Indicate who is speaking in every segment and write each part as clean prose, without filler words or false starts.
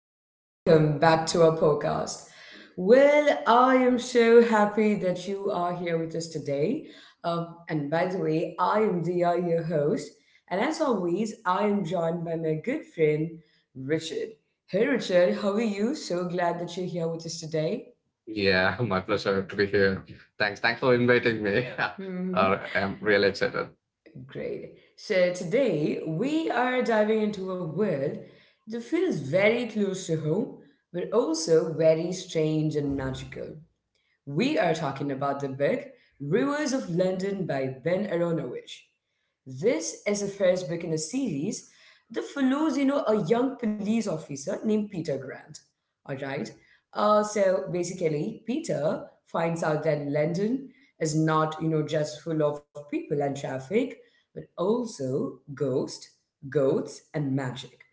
Speaker 1: and welcome back to our podcast. Well, I am so happy that you are here with us today. And by the way, I am Dia, your host. And as always, I am joined by my good friend, Richard. Hey, Richard, how are you? So glad that you're here with us today.
Speaker 2: Yeah, my pleasure to be here. Thanks for inviting me.
Speaker 1: hmm
Speaker 2: I'm really excited.
Speaker 1: Great. So today we are diving into a world that feels very close to home, but also very strange and magical. We are talking about the book Rivers of London by Ben Aronovich. This is the first book in a series that follows, you know, a young police officer named Peter Grant. All right. So basically, Peter finds out that London is not, you know, just full of people and traffic, but also ghosts, goats, and magic.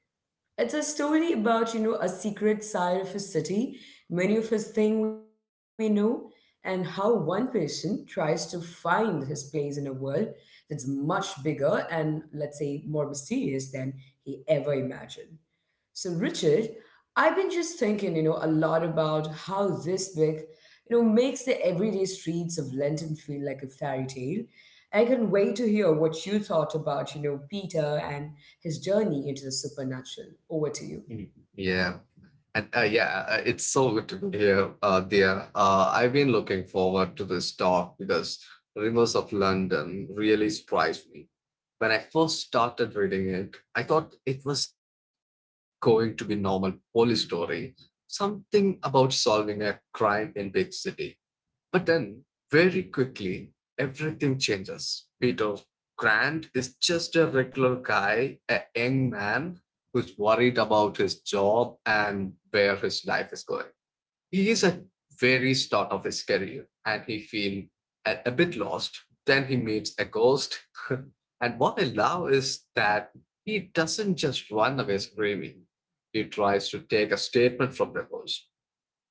Speaker 1: It's a story about, you know, a secret side of a city many of us think we know, and how one person tries to find his place in a world that's much bigger and, let's say, more mysterious than he ever imagined. So, Richard, I've been just thinking, you know, a lot about how this book, you know, makes the everyday streets of London feel like a fairy tale. I can wait to hear what you thought about, you know, Peter and his journey into the supernatural. Over to you.
Speaker 2: Yeah, and it's so good to be here, dear. I've been looking forward to this talk because Rivers of London really surprised me. When I first started reading it, I thought it was just going to be normal police story, something about solving a crime in big city. But then, very quickly, everything changes. Peter Grant is just a regular guy, a young man who's worried about his job and where his life is going. He is at very start of his career and he feels a bit lost. Then he meets a ghost. And what I love is that he doesn't just run away screaming. He tries to take a statement from the ghost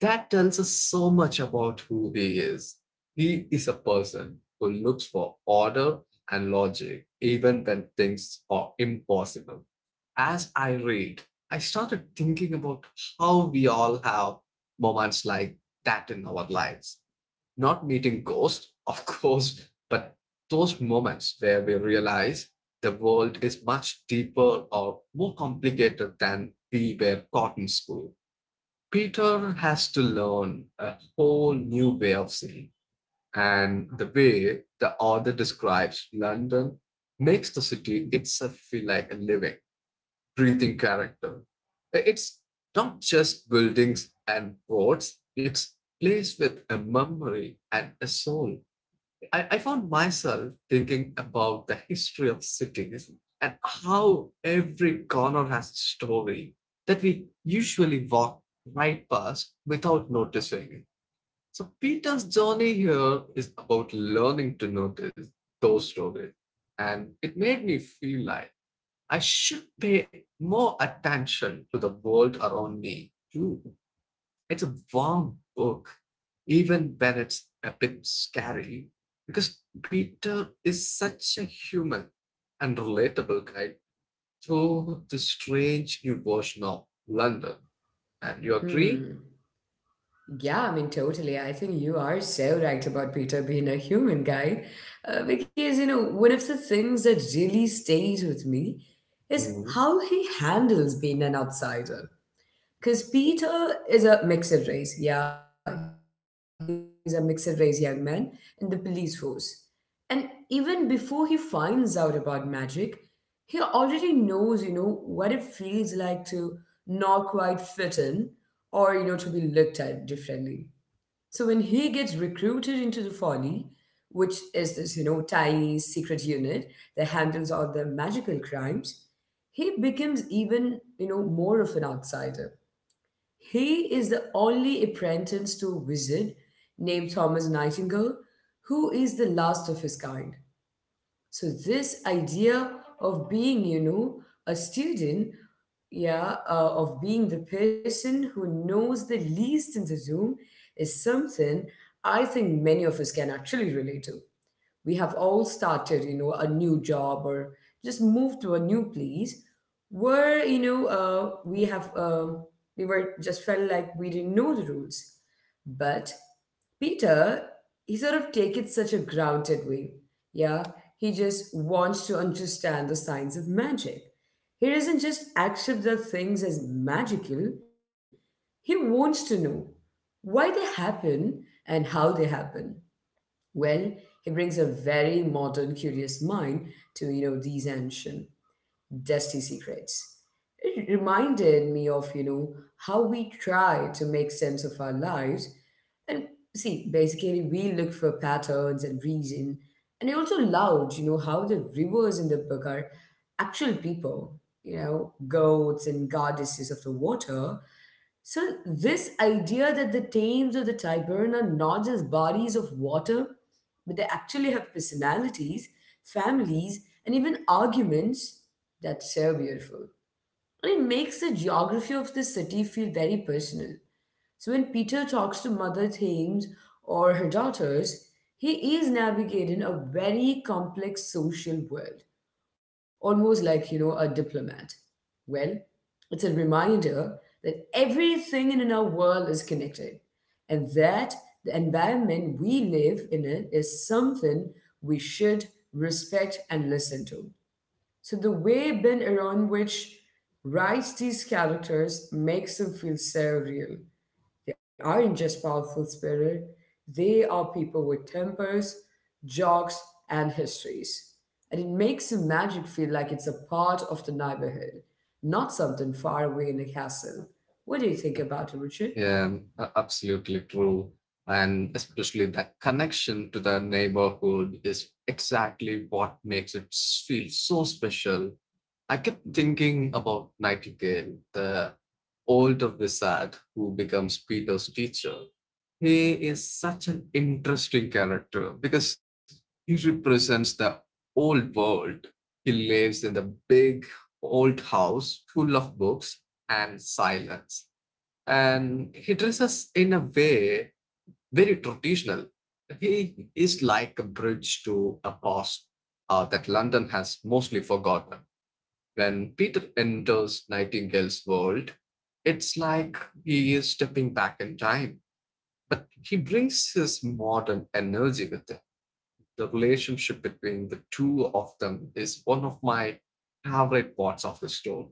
Speaker 2: that tells us so much about who he is. He is a person who looks for order and logic, even when things are impossible. As I read, I started thinking about how we all have moments like that in our lives. Not meeting ghosts, of course, but those moments where we realize the world is much deeper or more complicated than we were taught in school. Peter has to learn a whole new way of seeing, and the way the author describes London makes the city itself feel like a living, breathing character. It's not just buildings and roads, it's a place with a memory and a soul. I found myself thinking about the history of cities and how every corner has a story that we usually walk right past without noticing it. So Peter's journey here is about learning to notice those stories. And it made me feel like I should pay more attention to the world around me too. It's a warm book, even when it's a bit scary, because Peter is such a human and relatable guide through the strange new version of London. And you agree?
Speaker 1: Hmm. Yeah, I mean, totally. I think you are so right about Peter being a human guy. Because, you know, one of the things that really stays with me is
Speaker 2: Mm.
Speaker 1: how he handles being an outsider. Because Peter is a mixed race. Yeah, he's a mixed race young man in the police force. And even before he finds out about magic, he already knows, you know, what it feels like to not quite fit in or, you know, to be looked at differently. So when he gets recruited into the Folly, which is this, you know, tiny secret unit that handles all the magical crimes, he becomes even, you know, more of an outsider. He is the only apprentice to a wizard named Thomas Nightingale, who is the last of his kind. So this idea of being, you know, a student, yeah, of being the person who knows the least in the room is something I think many of us can actually relate to. We have all started, you know, a new job or just moved to a new place where, you know, we were just felt like we didn't know the rules. But Peter, he sort of take it such a grounded way. Yeah, he just wants to understand the science of magic. He doesn't just accept the things as magical. He wants to know why they happen and how they happen. Well, he brings a very modern, curious mind to, you know, these ancient, dusty secrets. It reminded me of, you know, how we try to make sense of our lives. And see, basically, we look for patterns and reason. And I also loved, you know, how the rivers in the book are actual people, you know, goats and goddesses of the water. So, this idea that the Thames or the Tyburn are not just bodies of water, but they actually have personalities, families, and even arguments, that's so beautiful. And it makes the geography of the city feel very personal. So when Peter talks to Mother Thames or her daughters, he is navigating a very complex social world, almost like, you know, a diplomat. Well, it's a reminder that everything in our world is connected and that the environment we live in it is something we should respect and listen to. So the way Ben Aaron which writes these characters makes them feel so real. They aren't just powerful spirit, they are people with tempers, jokes, and histories. And it makes the magic feel like it's a part of the neighborhood, not something far away in a castle. What do you think about it, Richard?
Speaker 2: Yeah, absolutely true. And especially that connection to the neighborhood is exactly what makes it feel so special. I kept thinking about Nightingale, the older wizard who becomes Peter's teacher. He is such an interesting character because he represents the old world. He lives in the big old house full of books and silence. And he dresses in a way very traditional. He is like a bridge to a past that London has mostly forgotten. When Peter enters Nightingale's world, it's like he is stepping back in time, but he brings his modern energy with him. The relationship between the two of them is one of my favorite parts of the story.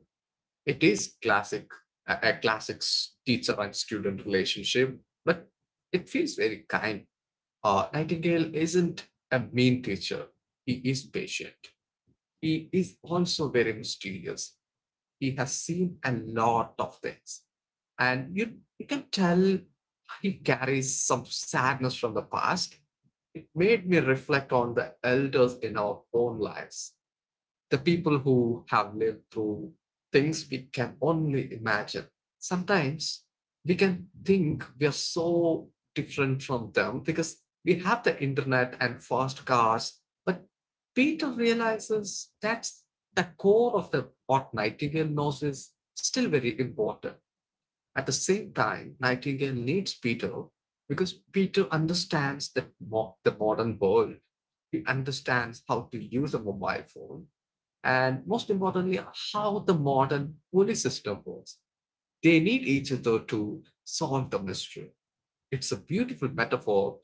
Speaker 2: It is a classic teacher and student relationship, but it feels very kind. Nightingale isn't a mean teacher. He is patient. He is also very mysterious, he has seen a lot of things. And you can tell he carries some sadness from the past. It made me reflect on the elders in our own lives, the people who have lived through things we can only imagine. Sometimes we can think we are so different from them because we have the internet and fast cars. But Peter realizes that's the core of the what Nightingale knows is still very important. At the same time, Nightingale needs Peter because Peter understands the modern world. He understands how to use a mobile phone and, most importantly, how the modern police system works. They need each other to solve the mystery. It's a beautiful metaphor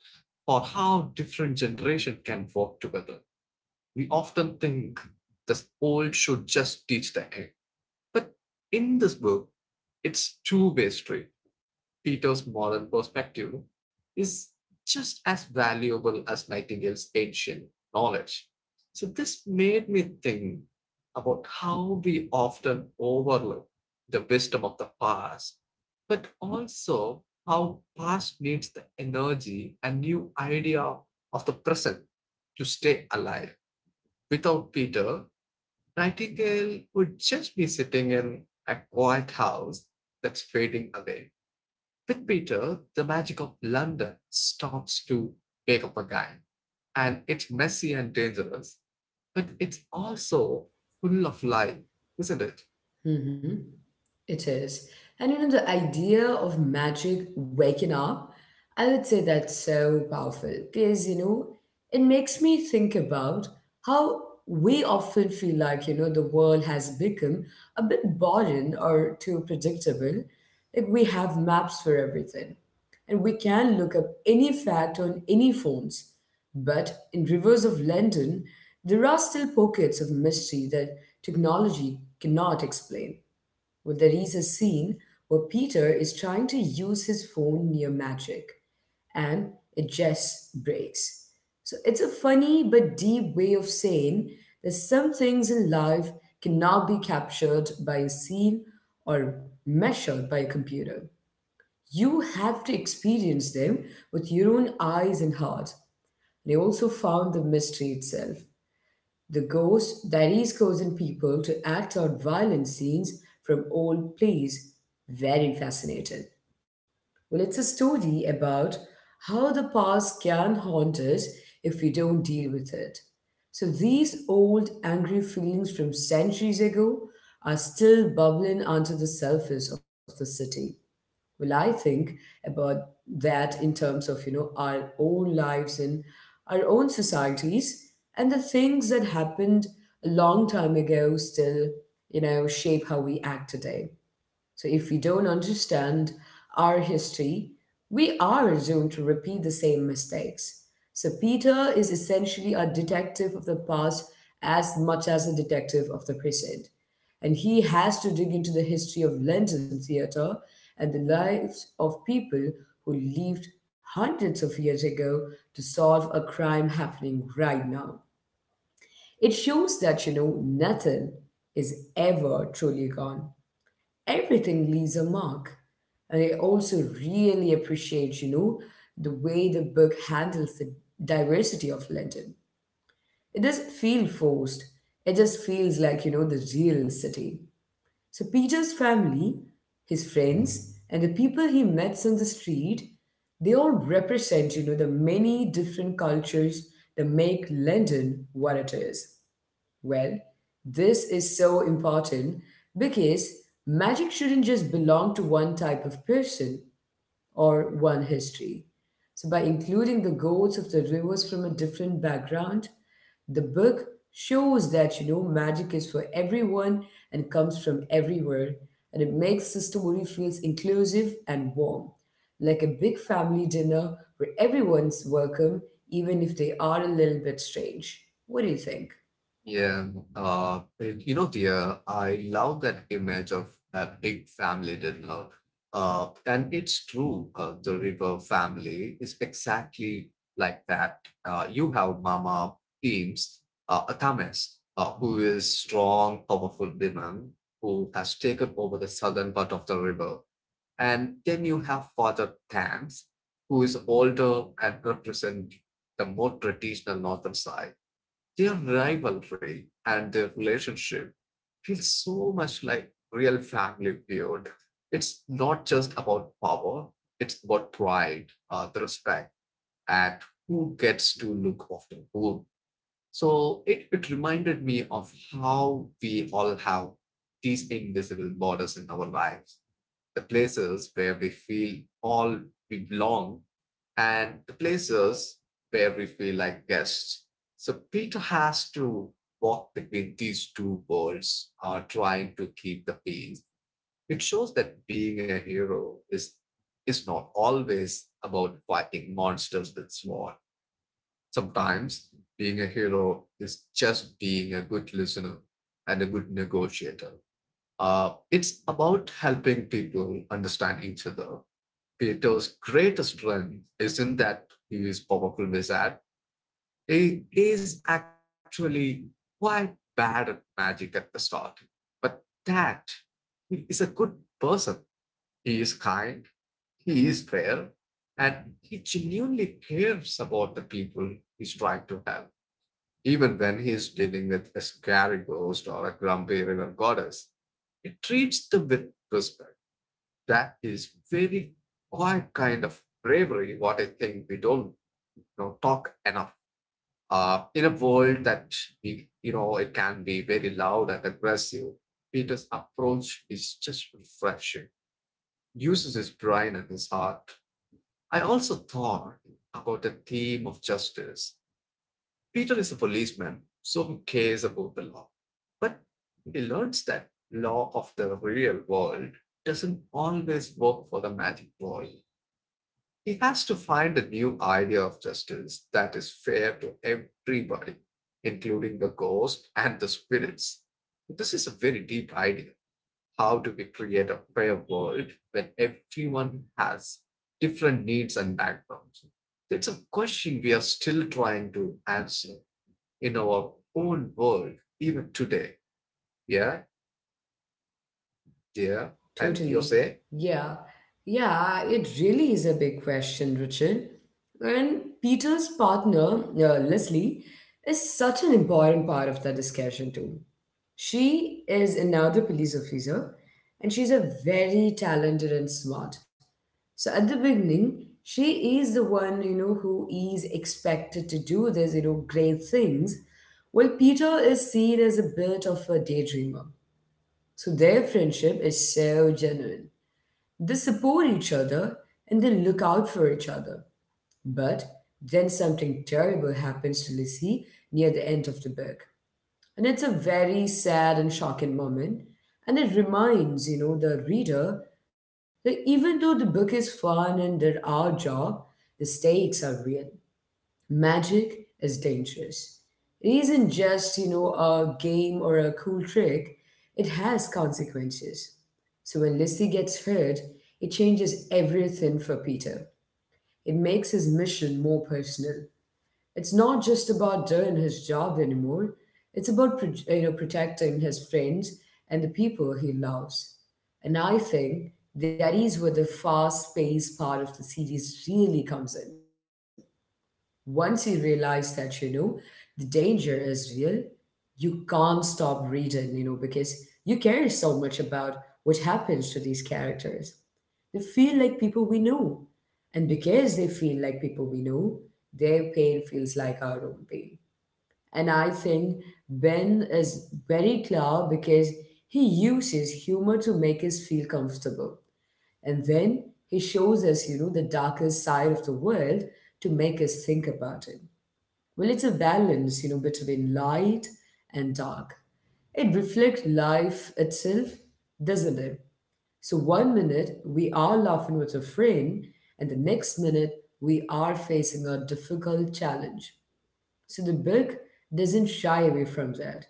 Speaker 2: for how different generations can work together. We often think the old should just teach the young, but in this book, it's two-way street. Peter's modern perspective is just as valuable as Nightingale's ancient knowledge. So, this made me think about how we often overlook the wisdom of the past, but also how past needs the energy and new idea of the present to stay alive. Without Peter, Nightingale would just be sitting in a quiet house that's fading away. With Peter, the magic of London stops to wake up again. And it's messy and dangerous, but it's also full of life, isn't it?
Speaker 1: Mm-hmm. It is. And you know, the idea of magic waking up, I would say that's so powerful because, you know, it makes me think about how we often feel like, you know, the world has become a bit boring or too predictable. Like we have maps for everything and we can look up any fact on any phones. But in rivers of London, there are still pockets of mystery that technology cannot explain. Well, there is a scene where Peter is trying to use his phone near magic, and it just breaks. So it's a funny but deep way of saying that some things in life cannot be captured by a scene or measured by a computer. You have to experience them with your own eyes and heart. They also found the mystery itself. The ghost diaries causing people to act out violent scenes from old plays. Very fascinating. Well, it's a story about how the past can haunt us if we don't deal with it. So these old angry feelings from centuries ago are still bubbling under the surface of the city. Well, I think about that in terms of, you know, our own lives and our own societies and the things that happened a long time ago still, you know, shape how we act today. So if we don't understand our history, we are doomed to repeat the same mistakes. So Peter is essentially a detective of the past as much as a detective of the present. And he has to dig into the history of London theatre and the lives of people who lived hundreds of years ago to solve a crime happening right now. It shows that, you know, nothing is ever truly gone, everything leaves a mark. And I also really appreciate, you know, the way the book handles the diversity of London. It doesn't feel forced. It just feels like, you know, the real city. So Peter's family, his friends, and the people he meets on the street, they all represent, you know, the many different cultures that make London what it is. Well, this is so important because magic shouldn't just belong to one type of person or one history. So, by including the goats of the rivers from a different background, the book shows that, you know, magic is for everyone and comes from everywhere, and it makes the story feels inclusive and warm, like a big family dinner where everyone's welcome, even if they are a little bit strange. What do you think?
Speaker 2: Yeah, you know, dear, I love that image of a big family dinner. And it's true, the river family is exactly like that. You have Mama Beams, Athames, who is strong, powerful woman who has taken over the southern part of the river. And then you have Father Thames, who is older and represent the more traditional northern side, their rivalry and their relationship feels so much like real family feud. It's not just about power, it's about pride, the respect, and who gets to look after whom. So it reminded me of how we all have these invisible borders in our lives, the places where we feel all we belong and the places where we feel like guests. So Peter has to walk between these two worlds, trying to keep the peace. It shows that being a hero is not always about fighting monsters with sword. Sometimes being a hero is just being a good listener and a good negotiator. It's about helping people understand each other. Peter's greatest strength isn't that he is powerful wizard. He is actually quite bad at magic at the start. But that he is a good person. He is kind, he is fair, and he genuinely cares about the people he's trying to help. Even when he's dealing with a scary ghost or a grumpy river goddess, he treats them with respect. That is very quite kind of bravery, what I think we don't, you know, talk enough in a world that we, you know, it can be very loud and aggressive. Peter's approach is just refreshing, uses his brain and his heart. I also thought about the theme of justice. Peter is a policeman so he cares about the law, but he learns that law of the real world doesn't always work for the magic ball. He has to find a new idea of justice that is fair to everybody, including the ghosts and the spirits. This is a very deep idea, how do we create a fair world when everyone has different needs and backgrounds? It's a question we are still trying to answer in our own world, even today. Yeah, dear. And you
Speaker 1: Totally.
Speaker 2: say?
Speaker 1: Yeah. Yeah, it really is a big question, Richard. And Peter's partner, Leslie, is such an important part of that discussion, too. She is another police officer, and she's a very talented and smart. So at the beginning, she is the one, you know, who is expected to do this, you know, great things, while Peter is seen as a bit of a daydreamer. So their friendship is so genuine. They support each other and they look out for each other. But then something terrible happens to Lizzie near the end of the book. And it's a very sad and shocking moment. And it reminds, you know, the reader that even though the book is fun and there are job, the stakes are real. Magic is dangerous. It isn't just, you know, a game or a cool trick, it has consequences. So when Lizzie gets hurt, it changes everything for Peter. It makes his mission more personal. It's not just about doing his job anymore. It's about you know, protecting his friends and the people he loves. And I think that is where the fast-paced part of the series really comes in. Once you realize that, you know, the danger is real, you can't stop reading, you know, because you care so much about what happens to these characters. They feel like people we know. And because they feel like people we know, their pain feels like our own pain. And I think Ben is very clever because he uses humor to make us feel comfortable. And then he shows us, you know, the darkest side of the world to make us think about it. Well, it's a balance, you know, between light and dark. It reflects life itself, doesn't it? So, one minute we are laughing with a friend, and the next minute we are facing a difficult challenge. So the book doesn't shy away from that.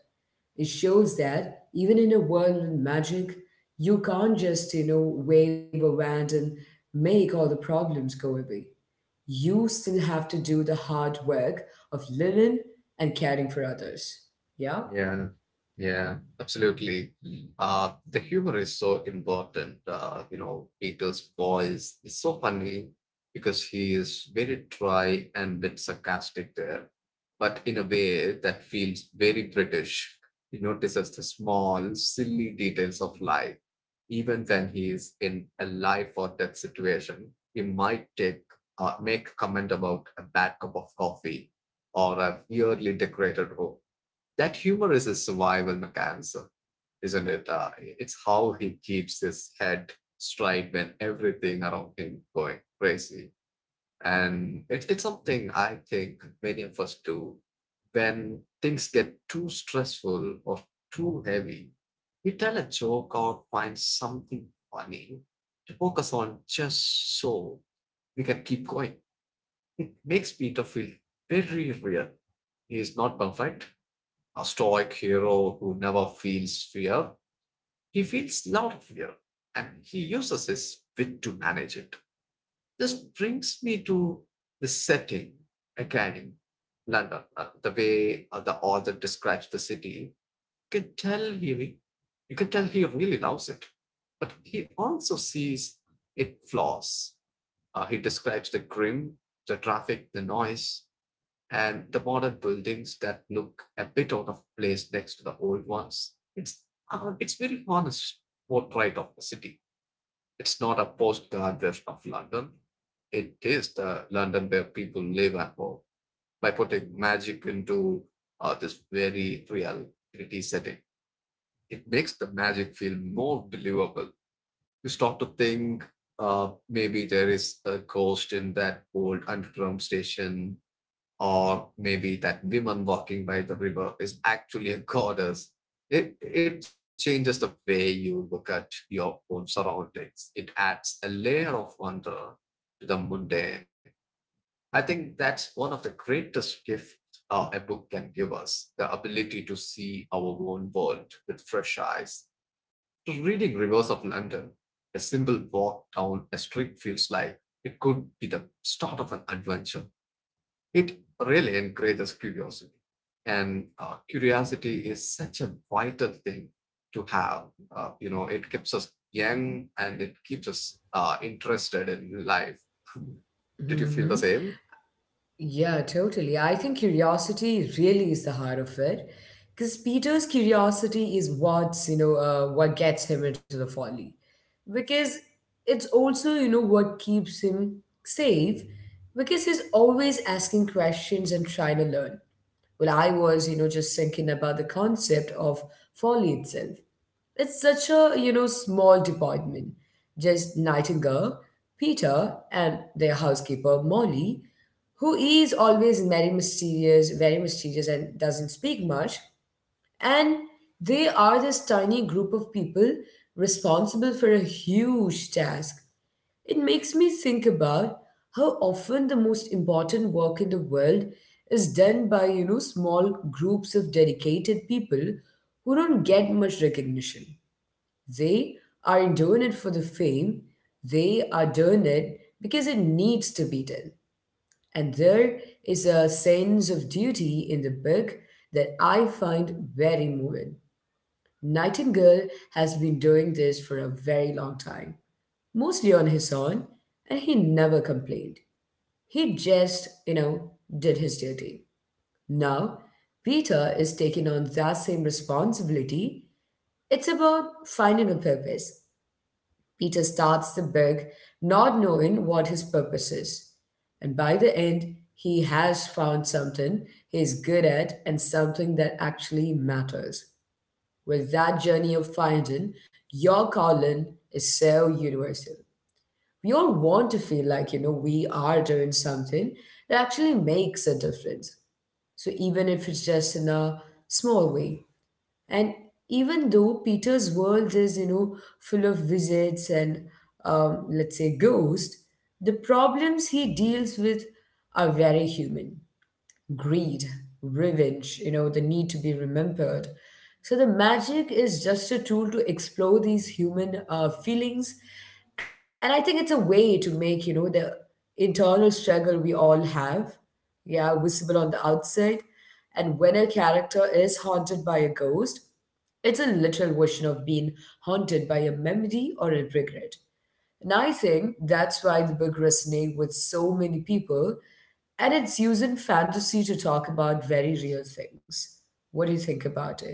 Speaker 1: It shows that even in a world with magic, you can't just, you know, wave a wand and make all the problems go away. You still have to do the hard work of living and caring for others. Yeah?
Speaker 2: Yeah, yeah, absolutely. The humor is so important. You know, Peter's voice is so funny because he is very dry and bit sarcastic there, but in a way that feels very British. He notices the small, silly details of life. Even when he is in a life or death situation, he might take make a comment about a bad cup of coffee or a weirdly decorated room. That humor is a survival mechanism, isn't it? It's how he keeps his head straight when everything around him going crazy. And it's something I think many of us do when things get too stressful or too heavy. We tell a joke or find something funny to focus on just so we can keep going. It makes Peter feel very real. He is not perfect, a stoic hero who never feels fear. He feels a lot of fear and he uses his wit to manage it. This brings me to the setting again in London, the way the author describes the city. You can tell he, you can tell he really loves it, but he also sees its flaws. He describes the grim, the traffic, the noise, and the modern buildings that look a bit out of place next to the old ones. It's very honest portrait of the city. It's not a postcard version of London. It is the London where people live and work by putting magic into this very real gritty setting. It makes the magic feel more believable. You start to think maybe there is a ghost in that old underground station or maybe that woman walking by the river is actually a goddess. It changes the way you look at your own surroundings. It adds a layer of wonder to the mundane. I think that's one of the greatest gifts a book can give us, the ability to see our own world with fresh eyes. To reading Rivers of London, a simple walk down a street feels like it could be the start of an adventure. It really encourages curiosity. And curiosity is such a vital thing to have. You know, it keeps us young and it keeps us interested in life. Did you feel the
Speaker 1: hmm
Speaker 2: same?
Speaker 1: Yeah, totally. I think curiosity really is the heart of it, because Peter's curiosity is what's, you know, what gets him into the folly, because it's also, you know, what keeps him safe, because he's always asking questions and trying to learn. Well, I was, just thinking about the concept of folly itself. It's such a, small department. Just Nightingale, Peter, and their housekeeper, Molly, who is always very mysterious, and doesn't speak much. And they are this tiny group of people responsible for a huge task. It makes me think about how often the most important work in the world is done by, small groups of dedicated people who don't get much recognition. They aren't doing it for the fame, they are doing it because it needs to be done. And there is a sense of duty in the book that I find very moving. Nightingale has been doing this for a very long time mostly on his own, and he never complained. He just, did his duty. Now, Peter is taking on that same responsibility. It's about finding a purpose. Peter starts the book not knowing what his purpose is. And by the end, he has found something he's good at and something that actually matters. Well, that journey of finding your calling is so universal. We all want to feel like we are doing something that actually makes a difference, so even if it's just in a small way. And even though peter's world is full of visits and let's say ghosts, the problems he deals with are very human: greed, revenge, the need to be remembered. So the magic is just a tool to explore these human feelings. And I think it's a way to make, the internal struggle we all have, yeah, visible on the outside. And when a character is haunted by a ghost, it's a literal version of being haunted by a memory or a regret. And I think that's why the book resonates with so many people, and it's using fantasy to talk about very real things. What do you think about it?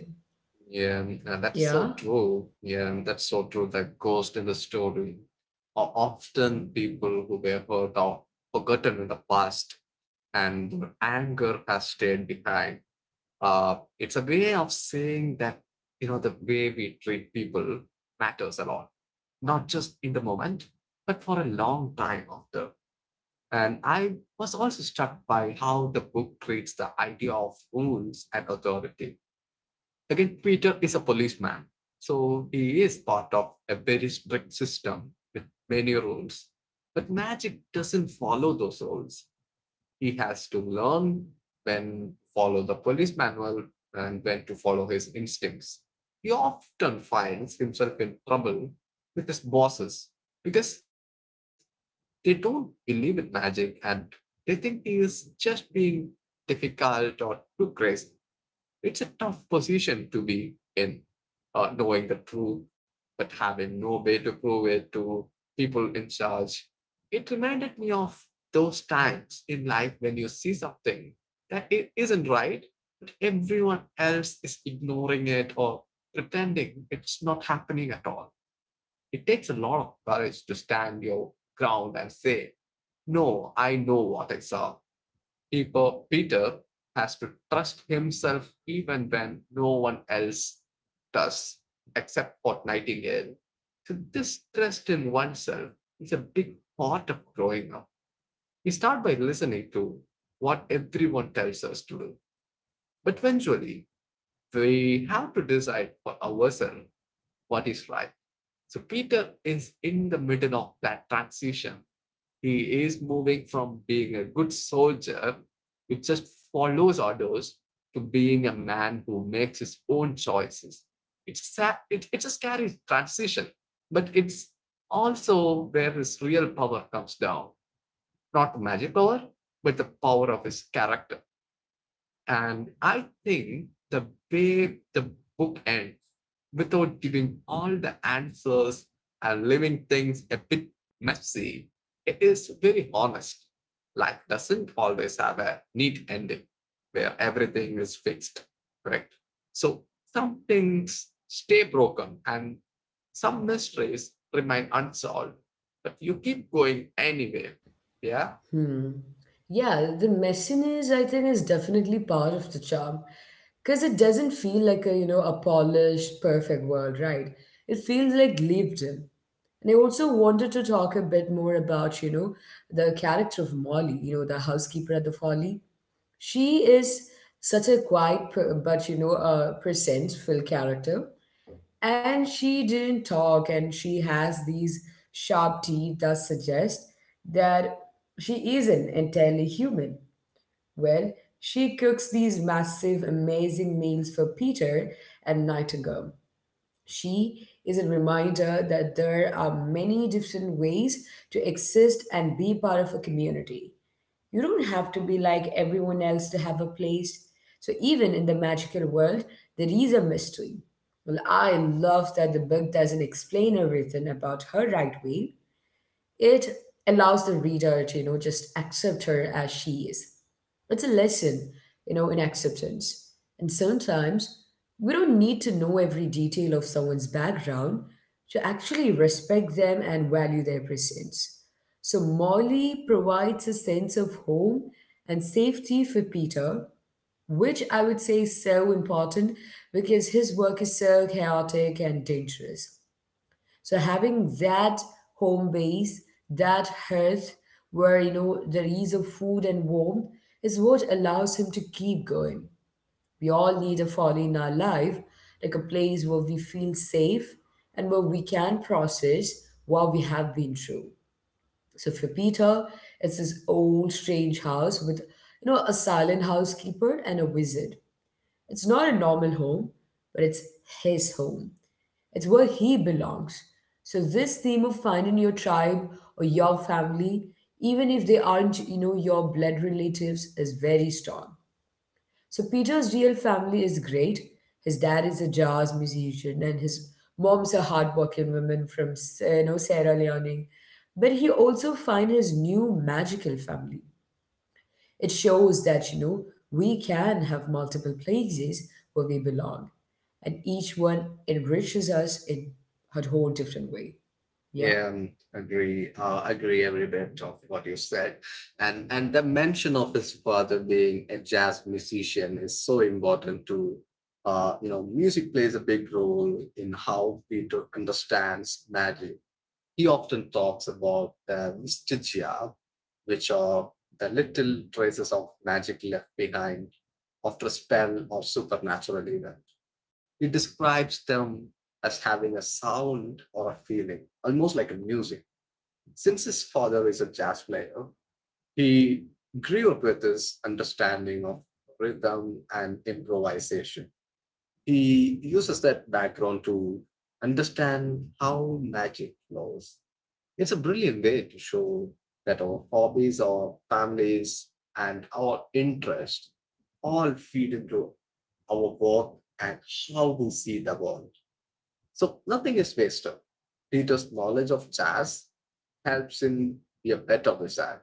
Speaker 2: Yeah, that's
Speaker 1: Yeah?
Speaker 2: so true. Yeah, that's so true. That ghost in the story are often people who were hurt or forgotten in the past, and their anger has stayed behind. It's a way of saying that the way we treat people matters a lot, not just in the moment, but for a long time after. And I was also struck by how the book treats the idea of rules and authority. Second Peter is a policeman, so he is part of a very strict system with many rules. But magic doesn't follow those rules. He has to learn when to follow the police manual and when to follow his instincts. He often finds himself in trouble with his bosses because they don't believe in magic and they think he is just being difficult or too crazy. It's a tough position to be in, knowing the truth but having no way to prove it to people in charge. It reminded me of those times in life when you see something that it isn't right, but everyone else is ignoring it or pretending it's not happening at all. It takes a lot of courage to stand your ground and say, "No, I know what I saw." Peter has to trust himself even when no one else does, except for Nightingale. So, this trust in oneself is a big part of growing up. We start by listening to what everyone tells us to do, but eventually we have to decide for ourselves what is right. So, Peter is in the middle of that transition. He is moving from being a good soldier who just follows orders to being a man who makes his own choices. It's a scary transition, but it's also where his real power comes down. Not magic power, but the power of his character. And I think the way the book ends, without giving all the answers and leaving things a bit messy, it is very honest. Life doesn't always have a neat ending where everything is fixed, correct? So some things stay broken and some mysteries remain unsolved, but you keep going anyway. Yeah.
Speaker 1: Hmm. Yeah, the messiness I think is definitely part of the charm, because it doesn't feel like a a polished perfect world, right? It feels like lived in. And I also wanted to talk a bit more about the character of Molly, the housekeeper at the folly. She is such a but a presentful character, and she didn't talk, and she has these sharp teeth that suggest that she isn't entirely human. Well, she cooks these massive, amazing meals for Peter and Nightingale. She is a reminder that there are many different ways to exist and be part of a community. You don't have to be like everyone else to have a place. So even in the magical world, there is a mystery. Well, I love that the book doesn't explain everything about her right way. It allows the reader to, just accept her as she is. It's a lesson, in acceptance. And sometimes we don't need to know every detail of someone's background to actually respect them and value their presence. So Molly provides a sense of home and safety for Peter, which I would say is so important because his work is so chaotic and dangerous. So having that home base, that hearth where there is a food and warmth is what allows him to keep going. We all need a father in our life, like a place where we feel safe and where we can process what we have been through. So for Peter, it's this old strange house with a silent housekeeper and a wizard. It's not a normal home, but it's his home. It's where he belongs. So this theme of finding your tribe or your family, even if they aren't, your blood relatives, is very strong. So Peter's real family is great. His dad is a jazz musician, and his mom's a hardworking woman from, Sierra Leone. But he also finds his new magical family. It shows that, we can have multiple places where we belong, and each one enriches us in a whole different way. Yeah.
Speaker 2: Agree every bit of what you said, and the mention of his father being a jazz musician is so important too. Music plays a big role in how Peter understands magic. He often talks about the vestigia, which are the little traces of magic left behind after a spell or supernatural event. He describes them as having a sound or a feeling, almost like a music. Since his father is a jazz player, he grew up with this understanding of rhythm and improvisation. He uses that background to understand how magic flows. It's a brilliant way to show that our hobbies, our families, and our interests all feed into our work and how we see the world. So nothing is wasted. Peter's knowledge of jazz helps him be a better wizard.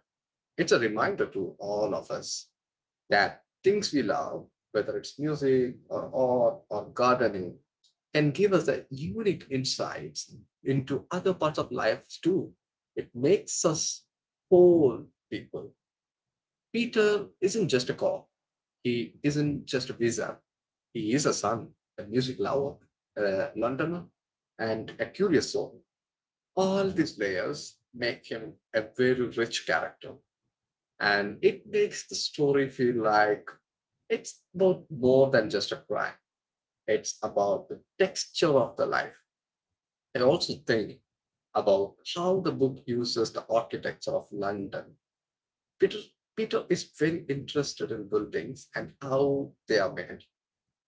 Speaker 2: It's a reminder to all of us that things we love, whether it's music or art or gardening, can give us a unique insights into other parts of life too. It makes us whole people. Peter isn't just a cop. He isn't just a visa. He is a son, a music lover, a Londoner, and a curious soul. All these layers make him a very rich character. And it makes the story feel like it's about more than just a cry. It's about the texture of the life. I also think about how the book uses the architecture of London. Peter, Peter is very interested in buildings and how they are made.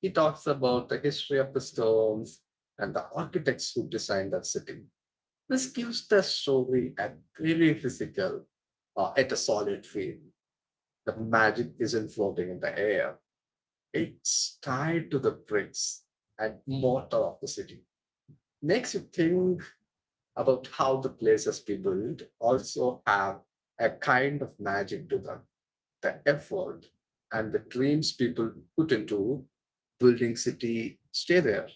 Speaker 2: He talks about the history of the stones and the architects who designed that city. This gives the story a very physical, at a solid feel. The magic isn't floating in the air. It's tied to the bricks and mortar of the city. Makes you think about how the places we build also have a kind of magic to them. The effort and the dreams people put into building city stay there.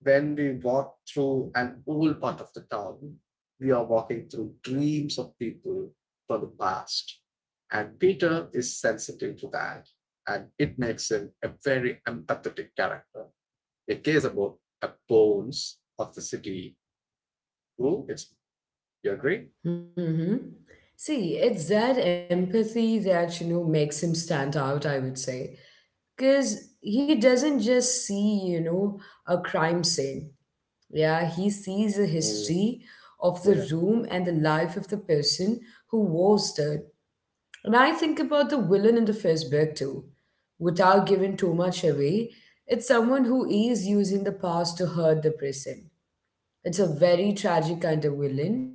Speaker 2: When we walk through an old part of the town, we are walking through dreams of people from the past. And Peter is sensitive to that. And it makes him a very empathetic character. It cares about the bones of the city. True, it's, you agree?
Speaker 1: Mm-hmm. See, it's that empathy that, makes him stand out, I would say. Because he doesn't just see, a crime scene. Yeah, he sees a
Speaker 2: Mm,
Speaker 1: history of the
Speaker 2: yeah.
Speaker 1: room and the life of the person who was there. And I think about the villain in the first book too. Without giving too much away, it's someone who is using the past to hurt the present. It's a very tragic kind of villain.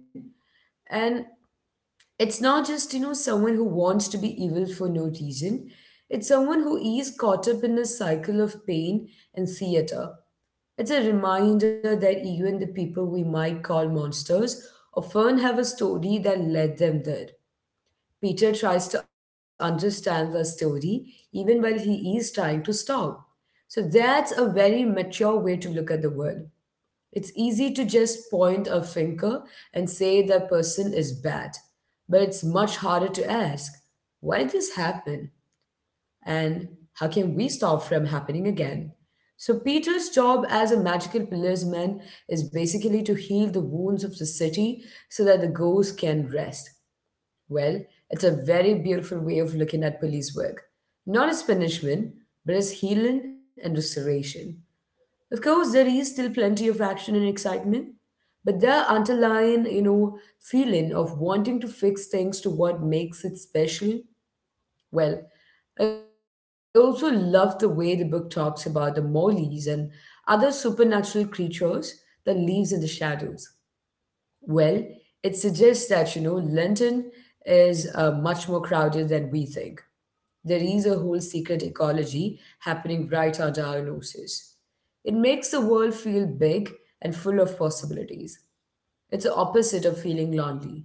Speaker 1: And it's not just, someone who wants to be evil for no reason. It's someone who is caught up in a cycle of pain and theater. It's a reminder that even the people we might call monsters often have a story that led them there. Peter tries to understand the story even while he is trying to stop. So that's a very mature way to look at the world. It's easy to just point a finger and say that person is bad, but it's much harder to ask, why did this happen? And how can we stop from happening again? So Peter's job as a magical policeman is basically to heal the wounds of the city so that the ghosts can rest. Well, it's a very beautiful way of looking at police work. Not as punishment, but as healing and restoration. Of course, there is still plenty of action and excitement, but the underlying, feeling of wanting to fix things to what makes it special. Well, I also love the way the book talks about the Molies and other supernatural creatures that lives in the shadows. Well, it suggests that, London is much more crowded than we think. There is a whole secret ecology happening right under our noses. It makes the world feel big and full of possibilities. It's the opposite of feeling lonely.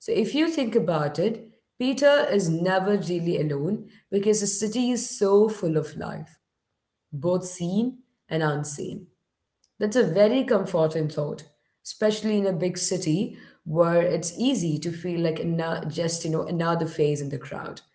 Speaker 1: So, if you think about it, Peter is never really alone because the city is so full of life, both seen and unseen. That's a very comforting thought, especially in a big city where it's easy to feel like just, another face in the crowd.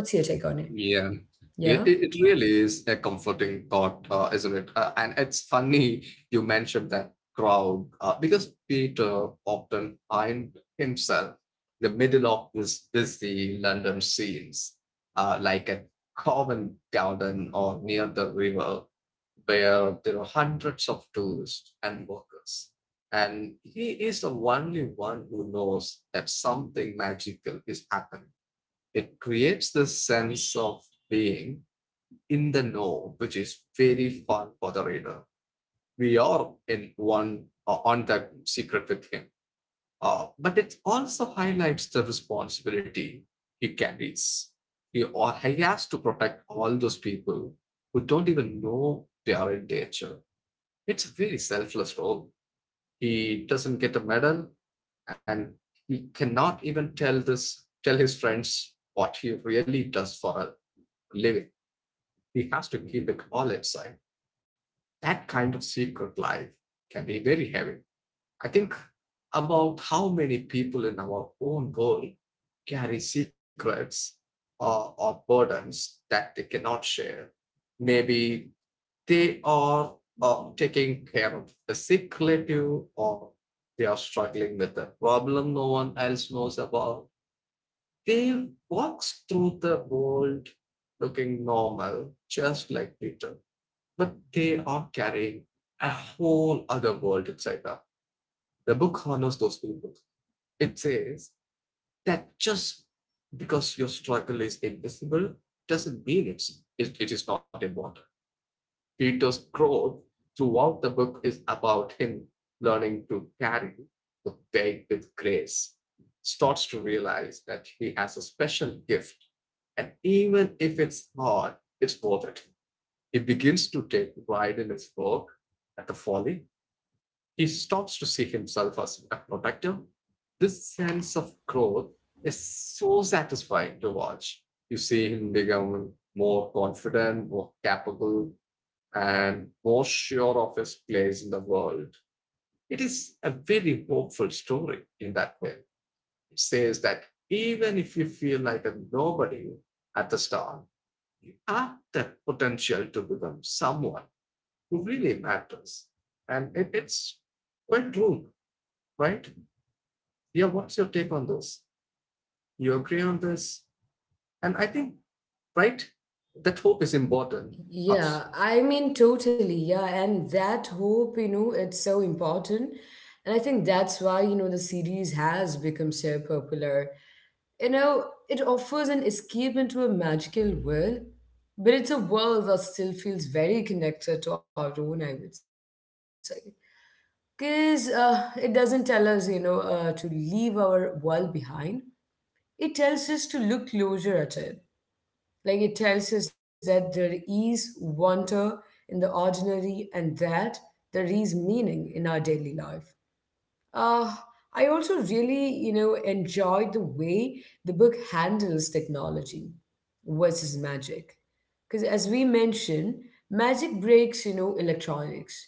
Speaker 1: What's your take on it?
Speaker 2: Yeah, yeah, it,
Speaker 1: Yeah?
Speaker 2: it really is a comforting thought, isn't it? And it's funny you mentioned that crowd, because Peter often find himself in the middle of this busy London scenes, like at Covent Garden or near the river, where there are hundreds of tourists and workers. And he is the only one who knows that something magical is happening. It creates this sense of being in the know, which is very fun for the reader. We are in one, on that secret with him. But it also highlights the responsibility he carries. He has to protect all those people who don't even know they are in danger. It's a very selfless role. He doesn't get a medal and he cannot even tell his friends what he really does for living. He has to keep it all inside. That kind of secret life can be very heavy. I think about how many people in our own world carry secrets or burdens that they cannot share. Maybe they are taking care of a secretive or they are struggling with a problem no one else knows about. They walk through the world looking normal, just like Peter, but they are carrying a whole other world inside them. The book honors those people. It says that just because your struggle is invisible doesn't mean it is not important. Peter's growth throughout the book is about him learning to carry the weight with grace. Starts to realize that he has a special gift, and even if it's hard,
Speaker 1: Mm-hmm.
Speaker 2: it's worth it. He begins to take pride in his work at the folly.
Speaker 1: Yeah,
Speaker 2: He
Speaker 1: totally.
Speaker 2: stops to see himself as a protector. This sense of growth is so satisfying to watch. You see him become more confident, more capable, and more sure of his place in the world. It is a very hopeful story in that way. It says that even if you feel like a nobody at the start, you have the potential to become someone who really matters. And it's quite true, right? Yeah, what's your take on this? You agree on this? And I think, right, that hope is important.
Speaker 1: Yeah,
Speaker 2: Absolutely.
Speaker 1: I mean, totally. Yeah, and that hope, it's so important. And I think that's why, the series has become so popular. You know, it offers an escape into a magical world, but it's a world that still feels very connected to our own, I would say. Because it doesn't tell us, to leave our world behind. It tells us to look closer at it. Like it tells us that there is wonder in the ordinary and that there is meaning in our daily life. Uh, I also really, enjoyed the way the book handles technology versus magic. Because as we mentioned, magic breaks, electronics.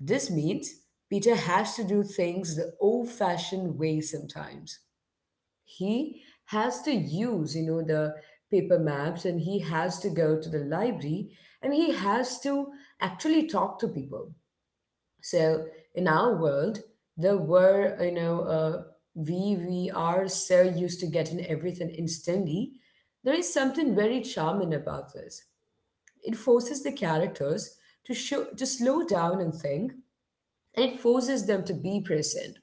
Speaker 1: This means Peter has to do things the old-fashioned way sometimes. He has to use, the paper maps, and he has to go to the library, and he has to actually talk to people. So in our world, there were we are so used to getting everything instantly. There is something very charming about this. It forces the characters to slow down and think, and it forces them to be present.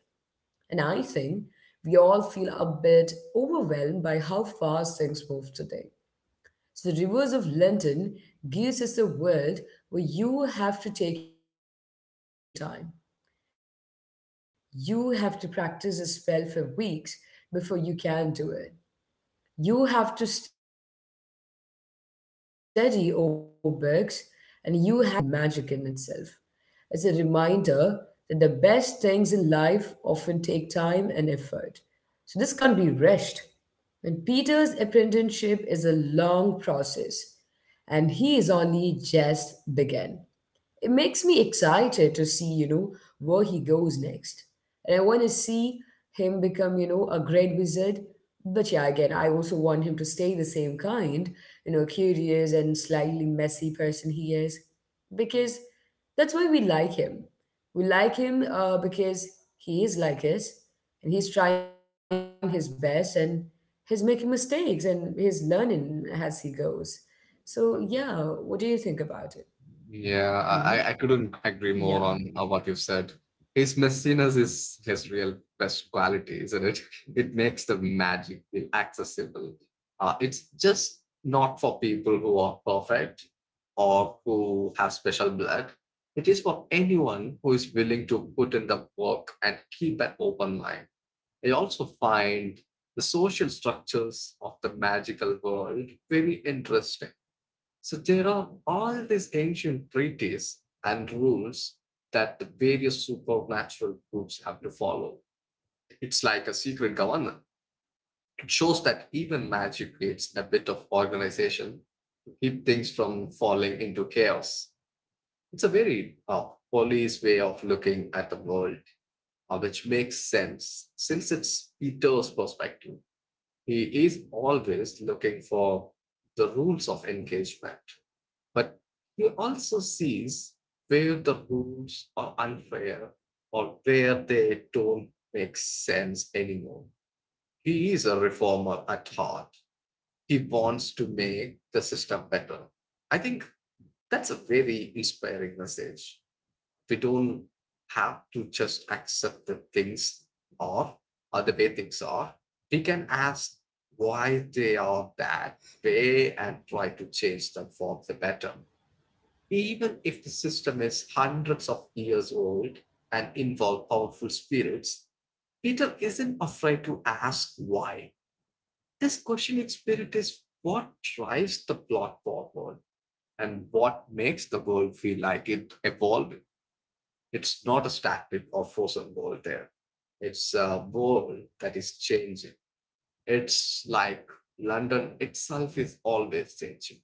Speaker 1: And I think we all feel a bit overwhelmed by how fast things move today. So the reverse of london gives us a world where you have to take your time. You have to practice a spell for weeks before you can do it. You have to study old books, and you have to wait for the right moment. So, this patience is a kind of magic in itself. It's a reminder that the best things in life often take time and effort. So, this can't be rushed. And Peter's apprenticeship is a long process, and he is only just begun. It makes me excited to see, where he goes next. And I want to see him become, a great wizard. But yeah, again, I also want him to stay the same kind, curious and slightly messy person he is. Because that's why we like him. We like him because he is like us, and he's trying his best, and he's making mistakes, and he's learning as he goes. So, yeah, what do you think about it?
Speaker 2: Yeah,
Speaker 1: Hmm.
Speaker 2: I couldn't agree more
Speaker 1: Yeah.
Speaker 2: on what you've said. His messiness is his real best quality, isn't it? It makes the magic feel accessible. It's just not for people who are perfect or who have special blood. It is for anyone who is willing to put in the work and keep an open mind. I also find the social structures of the magical world very interesting. So there are all these ancient treaties and rules that the various supernatural groups have to follow. It's like a secret government. It shows that even magic needs a bit of organization to keep things from falling into chaos. It's a very police way of looking at the world, which makes sense since it's Peter's perspective. He is always looking for the rules of engagement, but he also sees where the rules are unfair or where they don't make sense anymore. He is a reformer at heart. He wants to make the system better. I think that's a very inspiring message. We don't have to just accept that things are or the way things are. We can ask why they are that way and try to change them for the better. Even if the system is hundreds of years old and involve powerful spirits, Peter isn't afraid to ask why. This questioning spirit is what drives the plot forward and what makes the world feel like it evolved. It's not a static or frozen world there. It's a world that is changing. It's like London itself is always changing.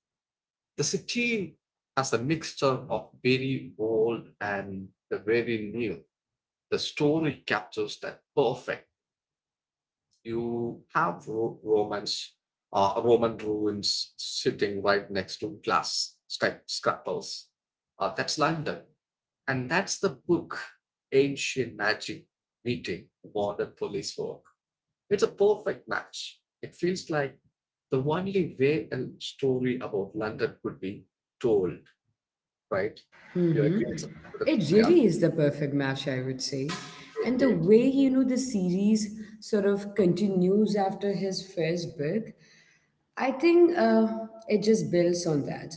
Speaker 2: The city has a mixture of very old and the very new. The story captures that perfect. You have Romans, Roman ruins sitting right next to glass sky- scuppers. That's London. And that's the book, ancient magic meeting modern police work. It's a perfect match. It feels like the only way a story about London could be told. Right? You
Speaker 1: Mm-hmm.
Speaker 2: agree it's the,
Speaker 1: It
Speaker 2: yeah,
Speaker 1: really is the perfect match, I would say. And the
Speaker 2: indeed.
Speaker 1: way, the series sort of continues after his first book, I think it just builds on that.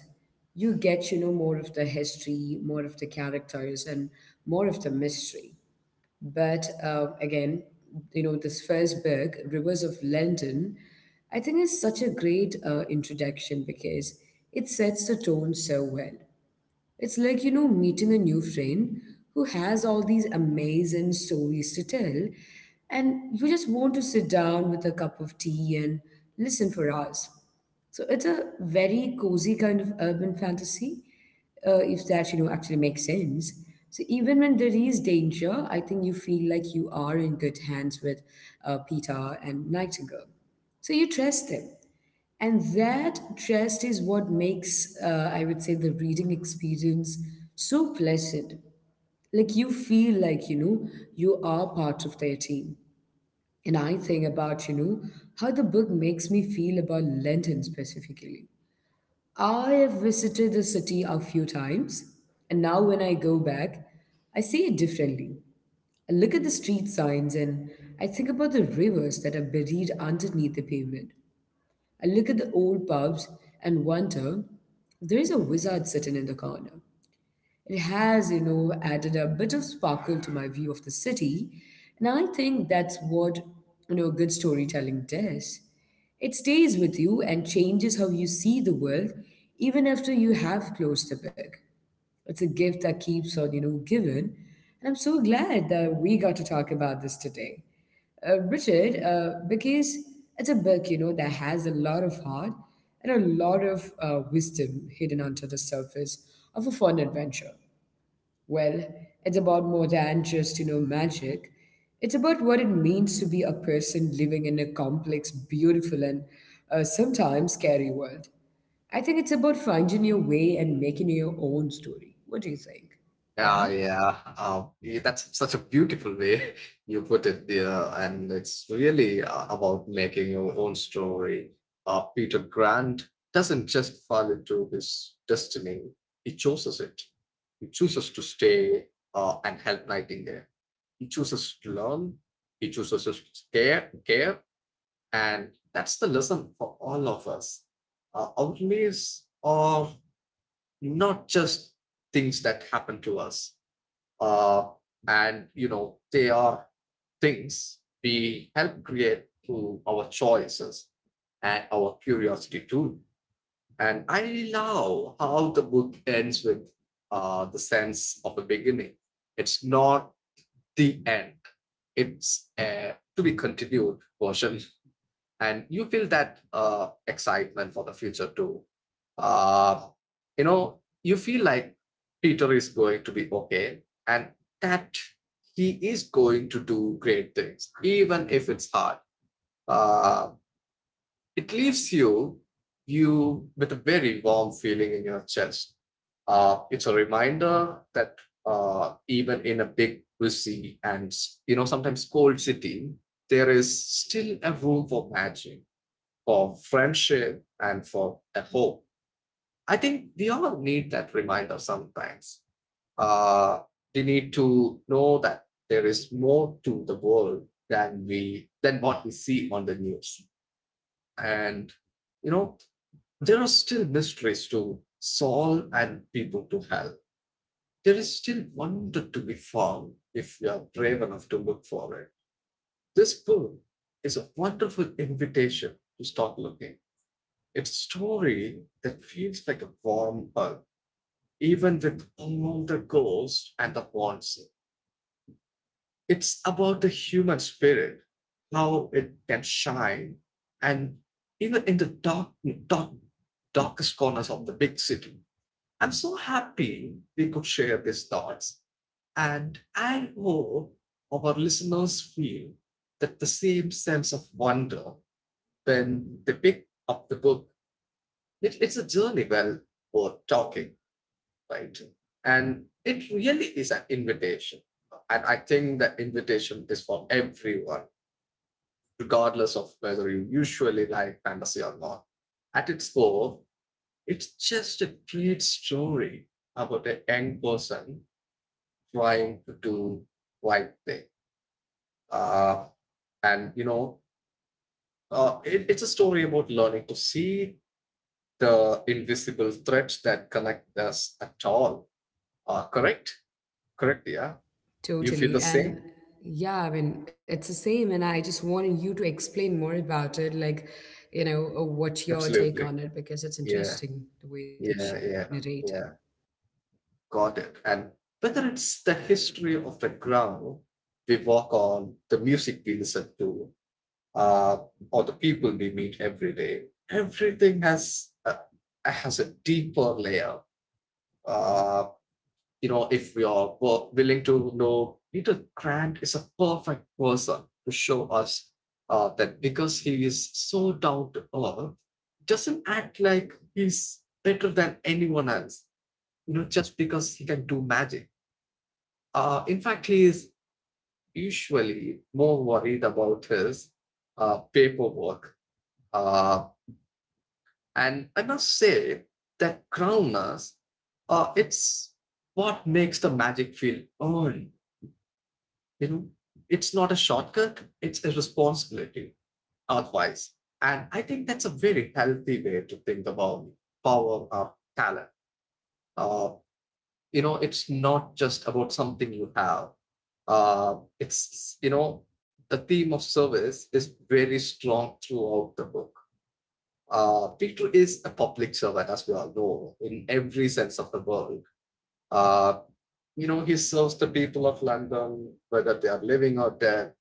Speaker 1: You get, more of the history, more of the characters, and more of the mystery. But again, this first book, Rivers of London, I think is such a great introduction because it sets the tone so well. It's like, meeting a new friend who has all these amazing stories to tell, and you just want to sit down with a cup of tea and listen for hours. So it's a very cozy kind of urban fantasy, if that, actually makes sense. So even when there is danger, I think you feel like you are in good hands with Peter and Nightingale. So you trust them. And that just is what makes, I would say, the reading experience so pleasant. Like you feel like, you are part of their team. And I think about, how the book makes me feel about London specifically. I have visited the city a few times, and now when I go back, I see it differently. I look at the street signs and I think about the rivers that are buried underneath the pavement. I look at the old pubs and wonder, there is a wizard sitting in the corner. It has, added a bit of sparkle to my view of the city, and I think that's what, good storytelling does. It stays with you and changes how you see the world even after you have closed the book. It's a gift that keeps on, giving. And I'm so glad that we got to talk about this today, Richard, because it's a book, that has a lot of heart and a lot of wisdom hidden under the surface of a fun adventure. Well, it's about more than just, magic. It's about what it means to be a person living in a complex, beautiful, and sometimes scary world. I think it's about finding your way and making your own story. What do you think? Yeah?
Speaker 2: Yeah, that's such a beautiful way you put it there, and it's really a about making your own story. Peter Grant doesn't just fall into his destiny, he chooses it. He chooses to stay and help Nightingale. He chooses to learn, he chooses to care, and that's the lesson for all of us. Our lives are not just things that happen to us. Uh, and they are things we help create through our choices and our curiosity too. And I love how the book ends with, the sense of a beginning. It's not the end, it's a to be continued version and you feel that excitement for the future too. Uh, you know, you feel like Peter is going to be okay, and that he is going to do great things, even if it's hard. Uh, it leaves you with a very warm feeling in your chest. It's a reminder that even in a big, busy, and sometimes cold city, there is still a room for magic, for friendship and for a hope. I think we all need that reminder sometimes. Uh, we need to know that there is more to the world than we than what we see on the news. And you know, there are still mysteries to solve and people to help. There is still wonder to be found if you are brave enough to look for it. This book is a wonderful invitation to start looking. It's a story that feels like a warm hug, even with all the ghosts and the monsters. It's about the human spirit, how it can shine, and even in the dark, dark, darkest corners of the big city. I'm so happy we could share these thoughts, and I hope our listeners feel that the same sense of wonder when they pick up the book. It's a journey well worth talking, right? And it really is an invitation. And I think the invitation is for everyone, regardless of whether you usually like fantasy or not. At its core, it's just a great story about a young person trying to do right thing. Uh, and it's a story about learning to see the invisible threads that connect us at all. Correct? Correct, yeah? You feel the
Speaker 1: Totally.
Speaker 2: same?
Speaker 1: And yeah, I mean, it's the same. And I just wanted you to explain more about it, like, what's your take
Speaker 2: Absolutely.
Speaker 1: on it, because it's
Speaker 2: Yeah,
Speaker 1: interesting the way that
Speaker 2: yeah,
Speaker 1: you
Speaker 2: yeah,
Speaker 1: narrate it.
Speaker 2: yeah. Got it. And whether it's the history of the ground we walk on, the music we listen to, uh, or the people we meet every day, everything has a deeper layer. Uh, you know, if we are willing to know, Peter Grant is a perfect person to show us that because he is so down to earth, doesn't act like he's better than anyone else, you know, just because he can do magic. In fact, he is usually more worried about his paperwork. Uh, and I must say that groundness, it's what makes the magic feel earned. you know it's not a shortcut, it's a responsibility otherwise. And I think that's a very healthy way to think about power or talent. uh, it's not just about something you have. It's you know The theme of service is very strong throughout the book. Peter is a public servant, as we all know, in every sense of the word. uh, he serves the people of London, whether they are living or dead.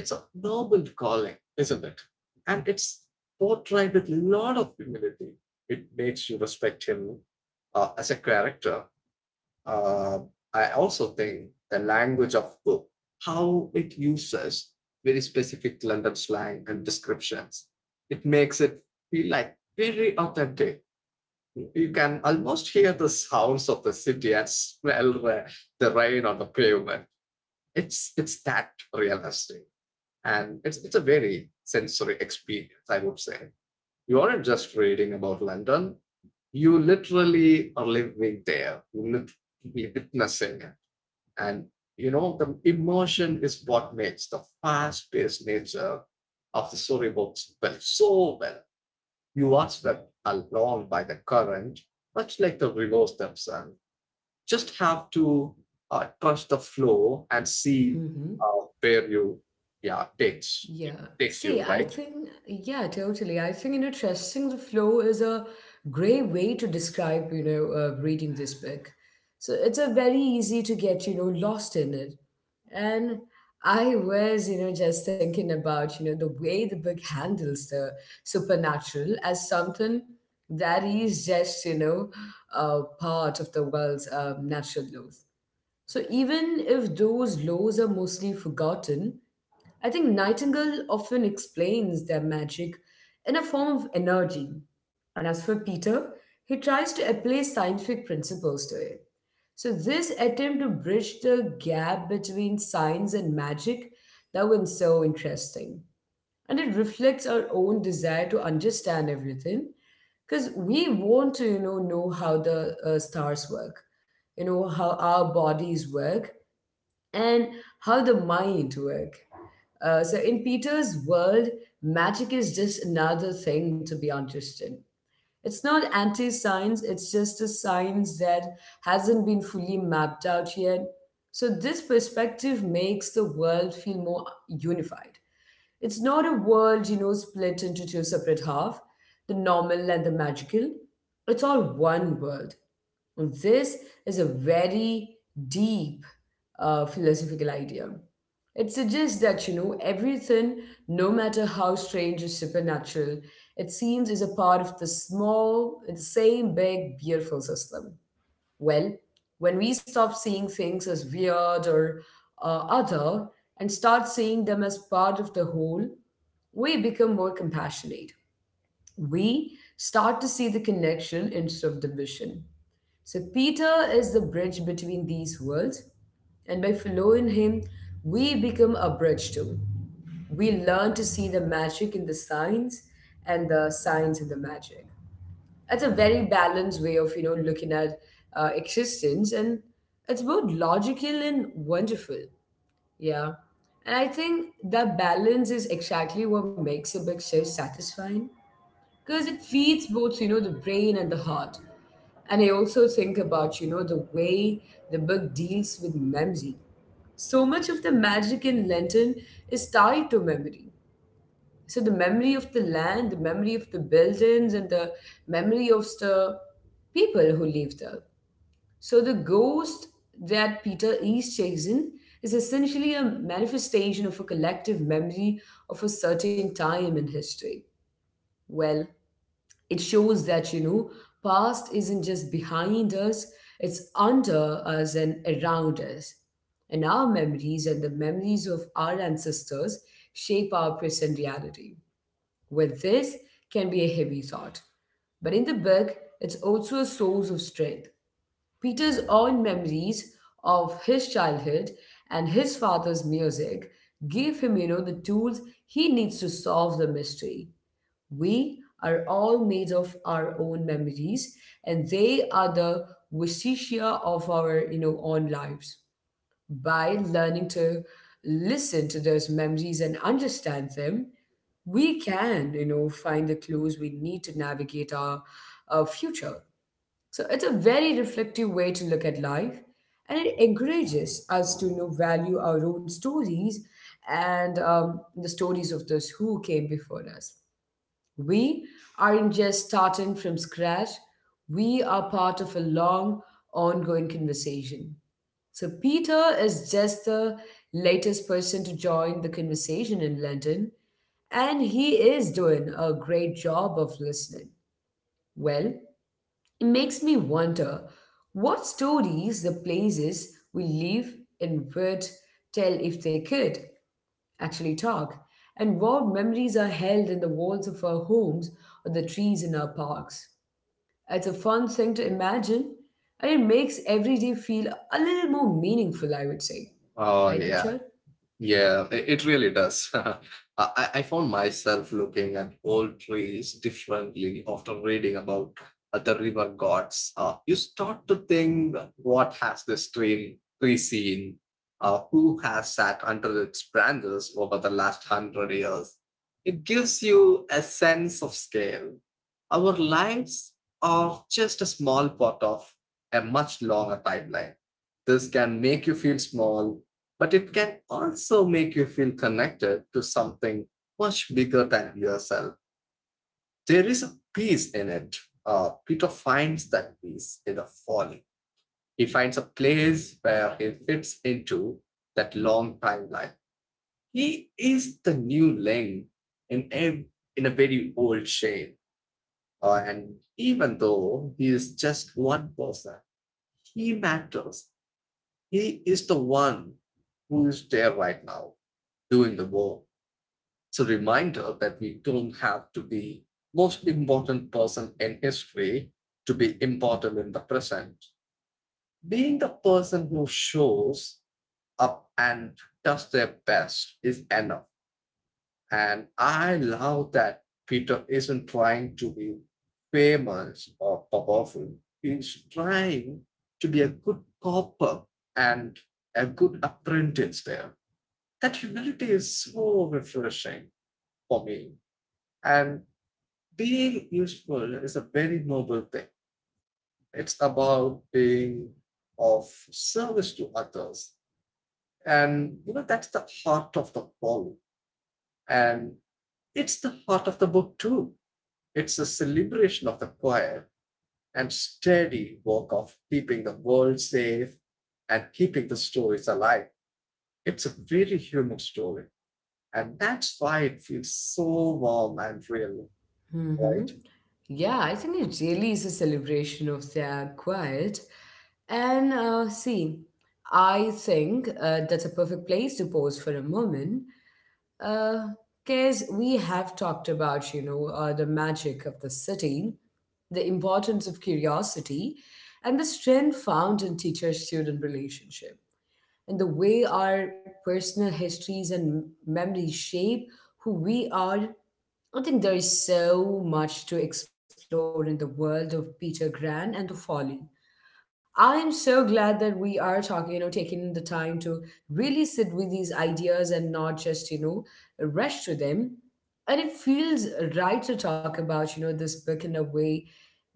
Speaker 2: It's a noble calling, isn't it? And it's portrayed with a lot of humility. It makes you respect him as a character. Uh, I also think the language of book, how it uses very specific London slang and descriptions, it makes it feel like very authentic. You can almost hear the sounds of the city and smell the rain on the pavement. It's that realistic. And it's a very sensory experience, I would say. You aren't just reading about London, you literally are living there, you literally witnessing it. And the immersion is what makes the fast paced nature of the storybooks well so well. You are swept along by the current, much like the rivers themselves. Just have to trust the flow and see
Speaker 1: Hmm.
Speaker 2: where yeah takes
Speaker 1: Yeah. See,
Speaker 2: you
Speaker 1: I
Speaker 2: right.
Speaker 1: think, yeah, totally. I think, trusting the flow is a great way to describe, reading this book. So it's a very easy to get, lost in it. And I was, just thinking about, the way the book handles the supernatural as something that is just, part of the world's natural laws. So even if those laws are mostly forgotten, I think Nightingale often explains their magic in a form of energy. And as for Peter, he tries to apply scientific principles to it. So, this attempt to bridge the gap between science and magic, that was so interesting. And it reflects our own desire to understand everything, because we want to, know how the stars work, how our bodies work, and how the mind work. So in Peter's world, magic is just another thing to be understood. It's not anti-science, it's just a science that hasn't been fully mapped out yet. So this perspective makes the world feel more unified. It's not a world, split into two separate half, the normal and the magical. It's all one world. This is a very deep philosophical idea. It suggests that, everything, no matter how strange or supernatural, it seems is a part of the small, the same big, beautiful system. Well, when we stop seeing things as weird or other and start seeing them as part of the whole, we become more compassionate. We start to see the connection instead of division. So, Peter is the bridge between these worlds, and by following him, we become a bridge too. We learn to see the magic in the signs and the signs in the magic. That's a very balanced way of looking at existence, and it's both logical and wonderful. Yeah. And I think that balance is exactly what makes a book so satisfying, because it feeds both the brain and the heart. And I also think about the way the book deals with memory. So much of the magic in Lenten is tied to memory. So the memory of the land, the memory of the buildings, and the memory of the people who live there. So the ghost that Peter east takes in is essentially a manifestation of a collective memory of a certain time in history. Well, it shows that past isn't just behind us, it's under us and around us, and our memories and the memories of our ancestors shape our present reality. With this can be a heavy thought. But in the book, it's also a source of strength. Peter's own memories of his childhood and his father's music give him, the tools he needs to solve the mystery. We are all made of our own memories, and they are the vestigia of our, own lives. By learning to listen to those memories and understand them, we can, find the clues we need to navigate our future. So it's a very reflective way to look at life, and it encourages us to value our own stories and the stories of those who came before us. We aren't just starting from scratch; we are part of a long, ongoing conversation. So Peter is just the latest person to join the conversation in London, and he is doing a great job of listening. Well, it makes me wonder what stories the places we live in would tell if they could actually talk, and what memories are held in the walls of our homes or the trees in our parks. It's a fun thing to imagine, and it makes every day feel a little more meaningful, I would say.
Speaker 2: uh,
Speaker 1: Right,
Speaker 2: yeah
Speaker 1: Richard?
Speaker 2: Yeah, it really does. I found myself looking at old trees differently after reading about the river gods. You start to think, what has this tree seen? Who has sat under its branches over the last hundred years? It gives you a sense of scale. Our lives are just a small part of a much longer timeline. This can make you feel small, but it can also make you feel connected to something much bigger than yourself. There is a peace in it. Peter finds that peace in the falling. He finds a place where he fits into that long timeline. He is the new link in a, in a very old chain. And even though he is just one person, he matters. He is the one who is there right now doing the work. It's a reminder that we don't have to be most important person in history to be important in the present. Being the person who shows up and does their best is enough. And I love that Peter isn't trying to be famous or powerful. He's trying to be a good copper and a good apprentice there. That humility is so refreshing for me. And being useful is a very noble thing. It's about being of service to others. And that's the heart of the poem. And it's the heart of the book too. It's a celebration of the quiet and steady work of keeping the world safe and keeping the stories alive. It's a very human story. And that's why it feels so warm and real,
Speaker 1: Hmm.
Speaker 2: right?
Speaker 1: Yeah, I think it really is a celebration of their quiet. And see, I think that's a perfect place to pause for a moment. Because we have talked about, the magic of the city, the importance of curiosity, and the strength found in teacher student relationship, and the way our personal histories and memories shape who we are. I think there is so much to explore in the world of Peter Gran and the folly. I am so glad that we are talking, taking the time to really sit with these ideas and not just, rush to them. And it feels right to talk about, this book in a way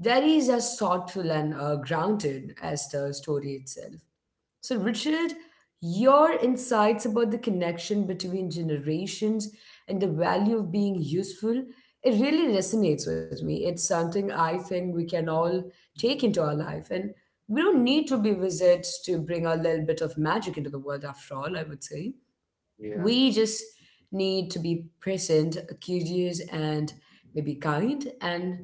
Speaker 1: that is as thoughtful and grounded as the story itself. So, Richard, your insights about the connection between generations and the value of being useful, it really resonates with me. It's something I think we can all take into our life. And we don't need to be wizards to bring a little bit of magic into the world, after all, I would say
Speaker 2: Yeah.
Speaker 1: we just need to be present, curious, and maybe kind. And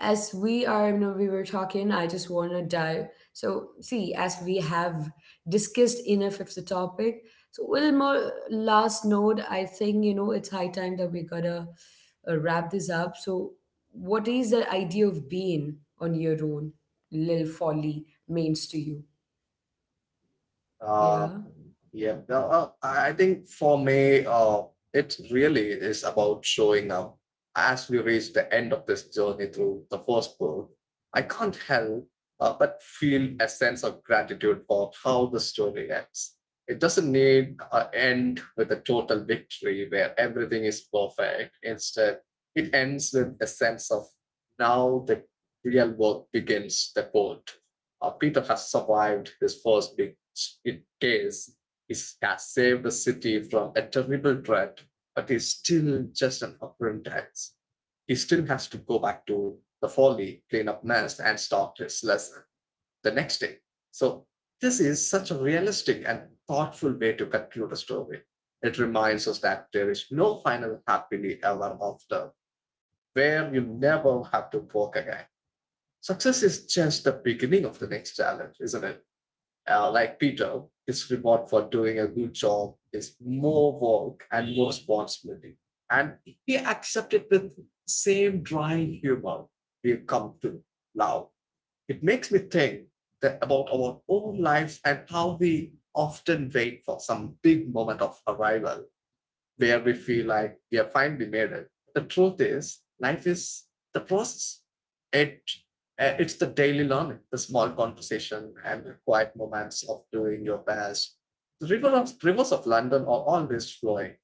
Speaker 1: as we are, we were talking, I just want to dive, so see, as we have discussed enough of the topic, so one more last note, I think it's high time that we gotta wrap this up. So what is the idea of being on your own lil folly means to you?
Speaker 2: Um,
Speaker 1: Yeah.
Speaker 2: Yeah, no, I think for me, it really is about showing up. As we reach the end of this journey through the first book, I can't help but feel a sense of gratitude for how the story ends. It doesn't need an end with a total victory where everything is perfect. Instead, it ends with a sense of now the real work begins, the quote. Peter has survived his first big case. It has saved the city from a terrible threat, but is still just an apprentice. He still has to go back to the folly, clean up mess, and start his lesson the next day. So this is such a realistic and thoughtful way to conclude a story. It reminds us that there is no final happily ever after, where you never have to work again. Success is just the beginning of the next challenge, isn't it? Like Peter, his reward for doing a good job is more work and more responsibility. And he accepted with same dry humor we've come to now. It makes me think that about our own lives and how we often wait for some big moment of arrival where we feel like we have finally made it. The truth is, life is the process. It it's the daily learning, the small conversation and the quiet moments of doing your best. The rivers of London are always flowing.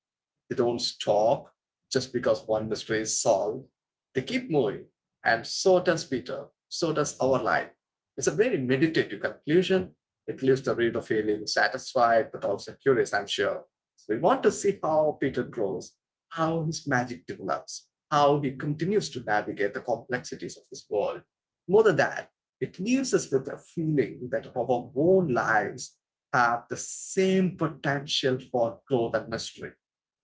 Speaker 2: They don't stop just because one mystery is solved. They keep moving. And so does Peter. So does our life. It's a very meditative conclusion. It leaves the reader feeling satisfied but also curious, I'm sure. So we want to see how Peter grows, how his magic develops, how he continues to navigate the complexities of this world. More than that, it leaves us with a feeling that our own lives have the same potential for growth and mystery.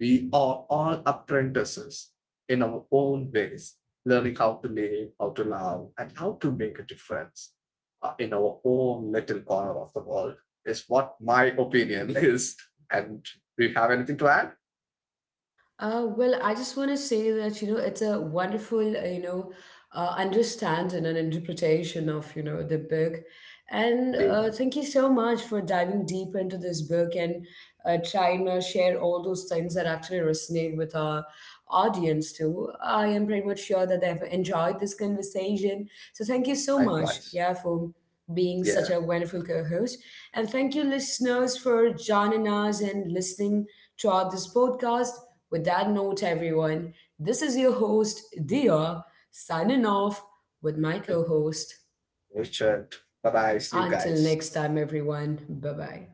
Speaker 2: We are all apprentices in our own ways, learning how to live, how to love, and how to make a difference in our own little corner of the world, is what my opinion is. And do you have anything to add?
Speaker 1: Well, I just want to say that, you know, it's a wonderful, you know, understanding and interpretation of, the book. And
Speaker 2: Dave,
Speaker 1: thank you so much for diving deep into this book, and trying to share all those things that actually resonate with our audience too. I am pretty much sure that they've enjoyed this conversation, so thank you so much,
Speaker 2: likewise.
Speaker 1: yeah, for being such
Speaker 2: Yeah,
Speaker 1: a wonderful co-host. And thank you, listeners, for joining us and listening throughout this podcast. With that note, everyone, this is your host, Dia, signing off with my co-host.
Speaker 2: Richard. Bye bye. See you
Speaker 1: Until
Speaker 2: guys.
Speaker 1: next time, everyone. Bye-bye.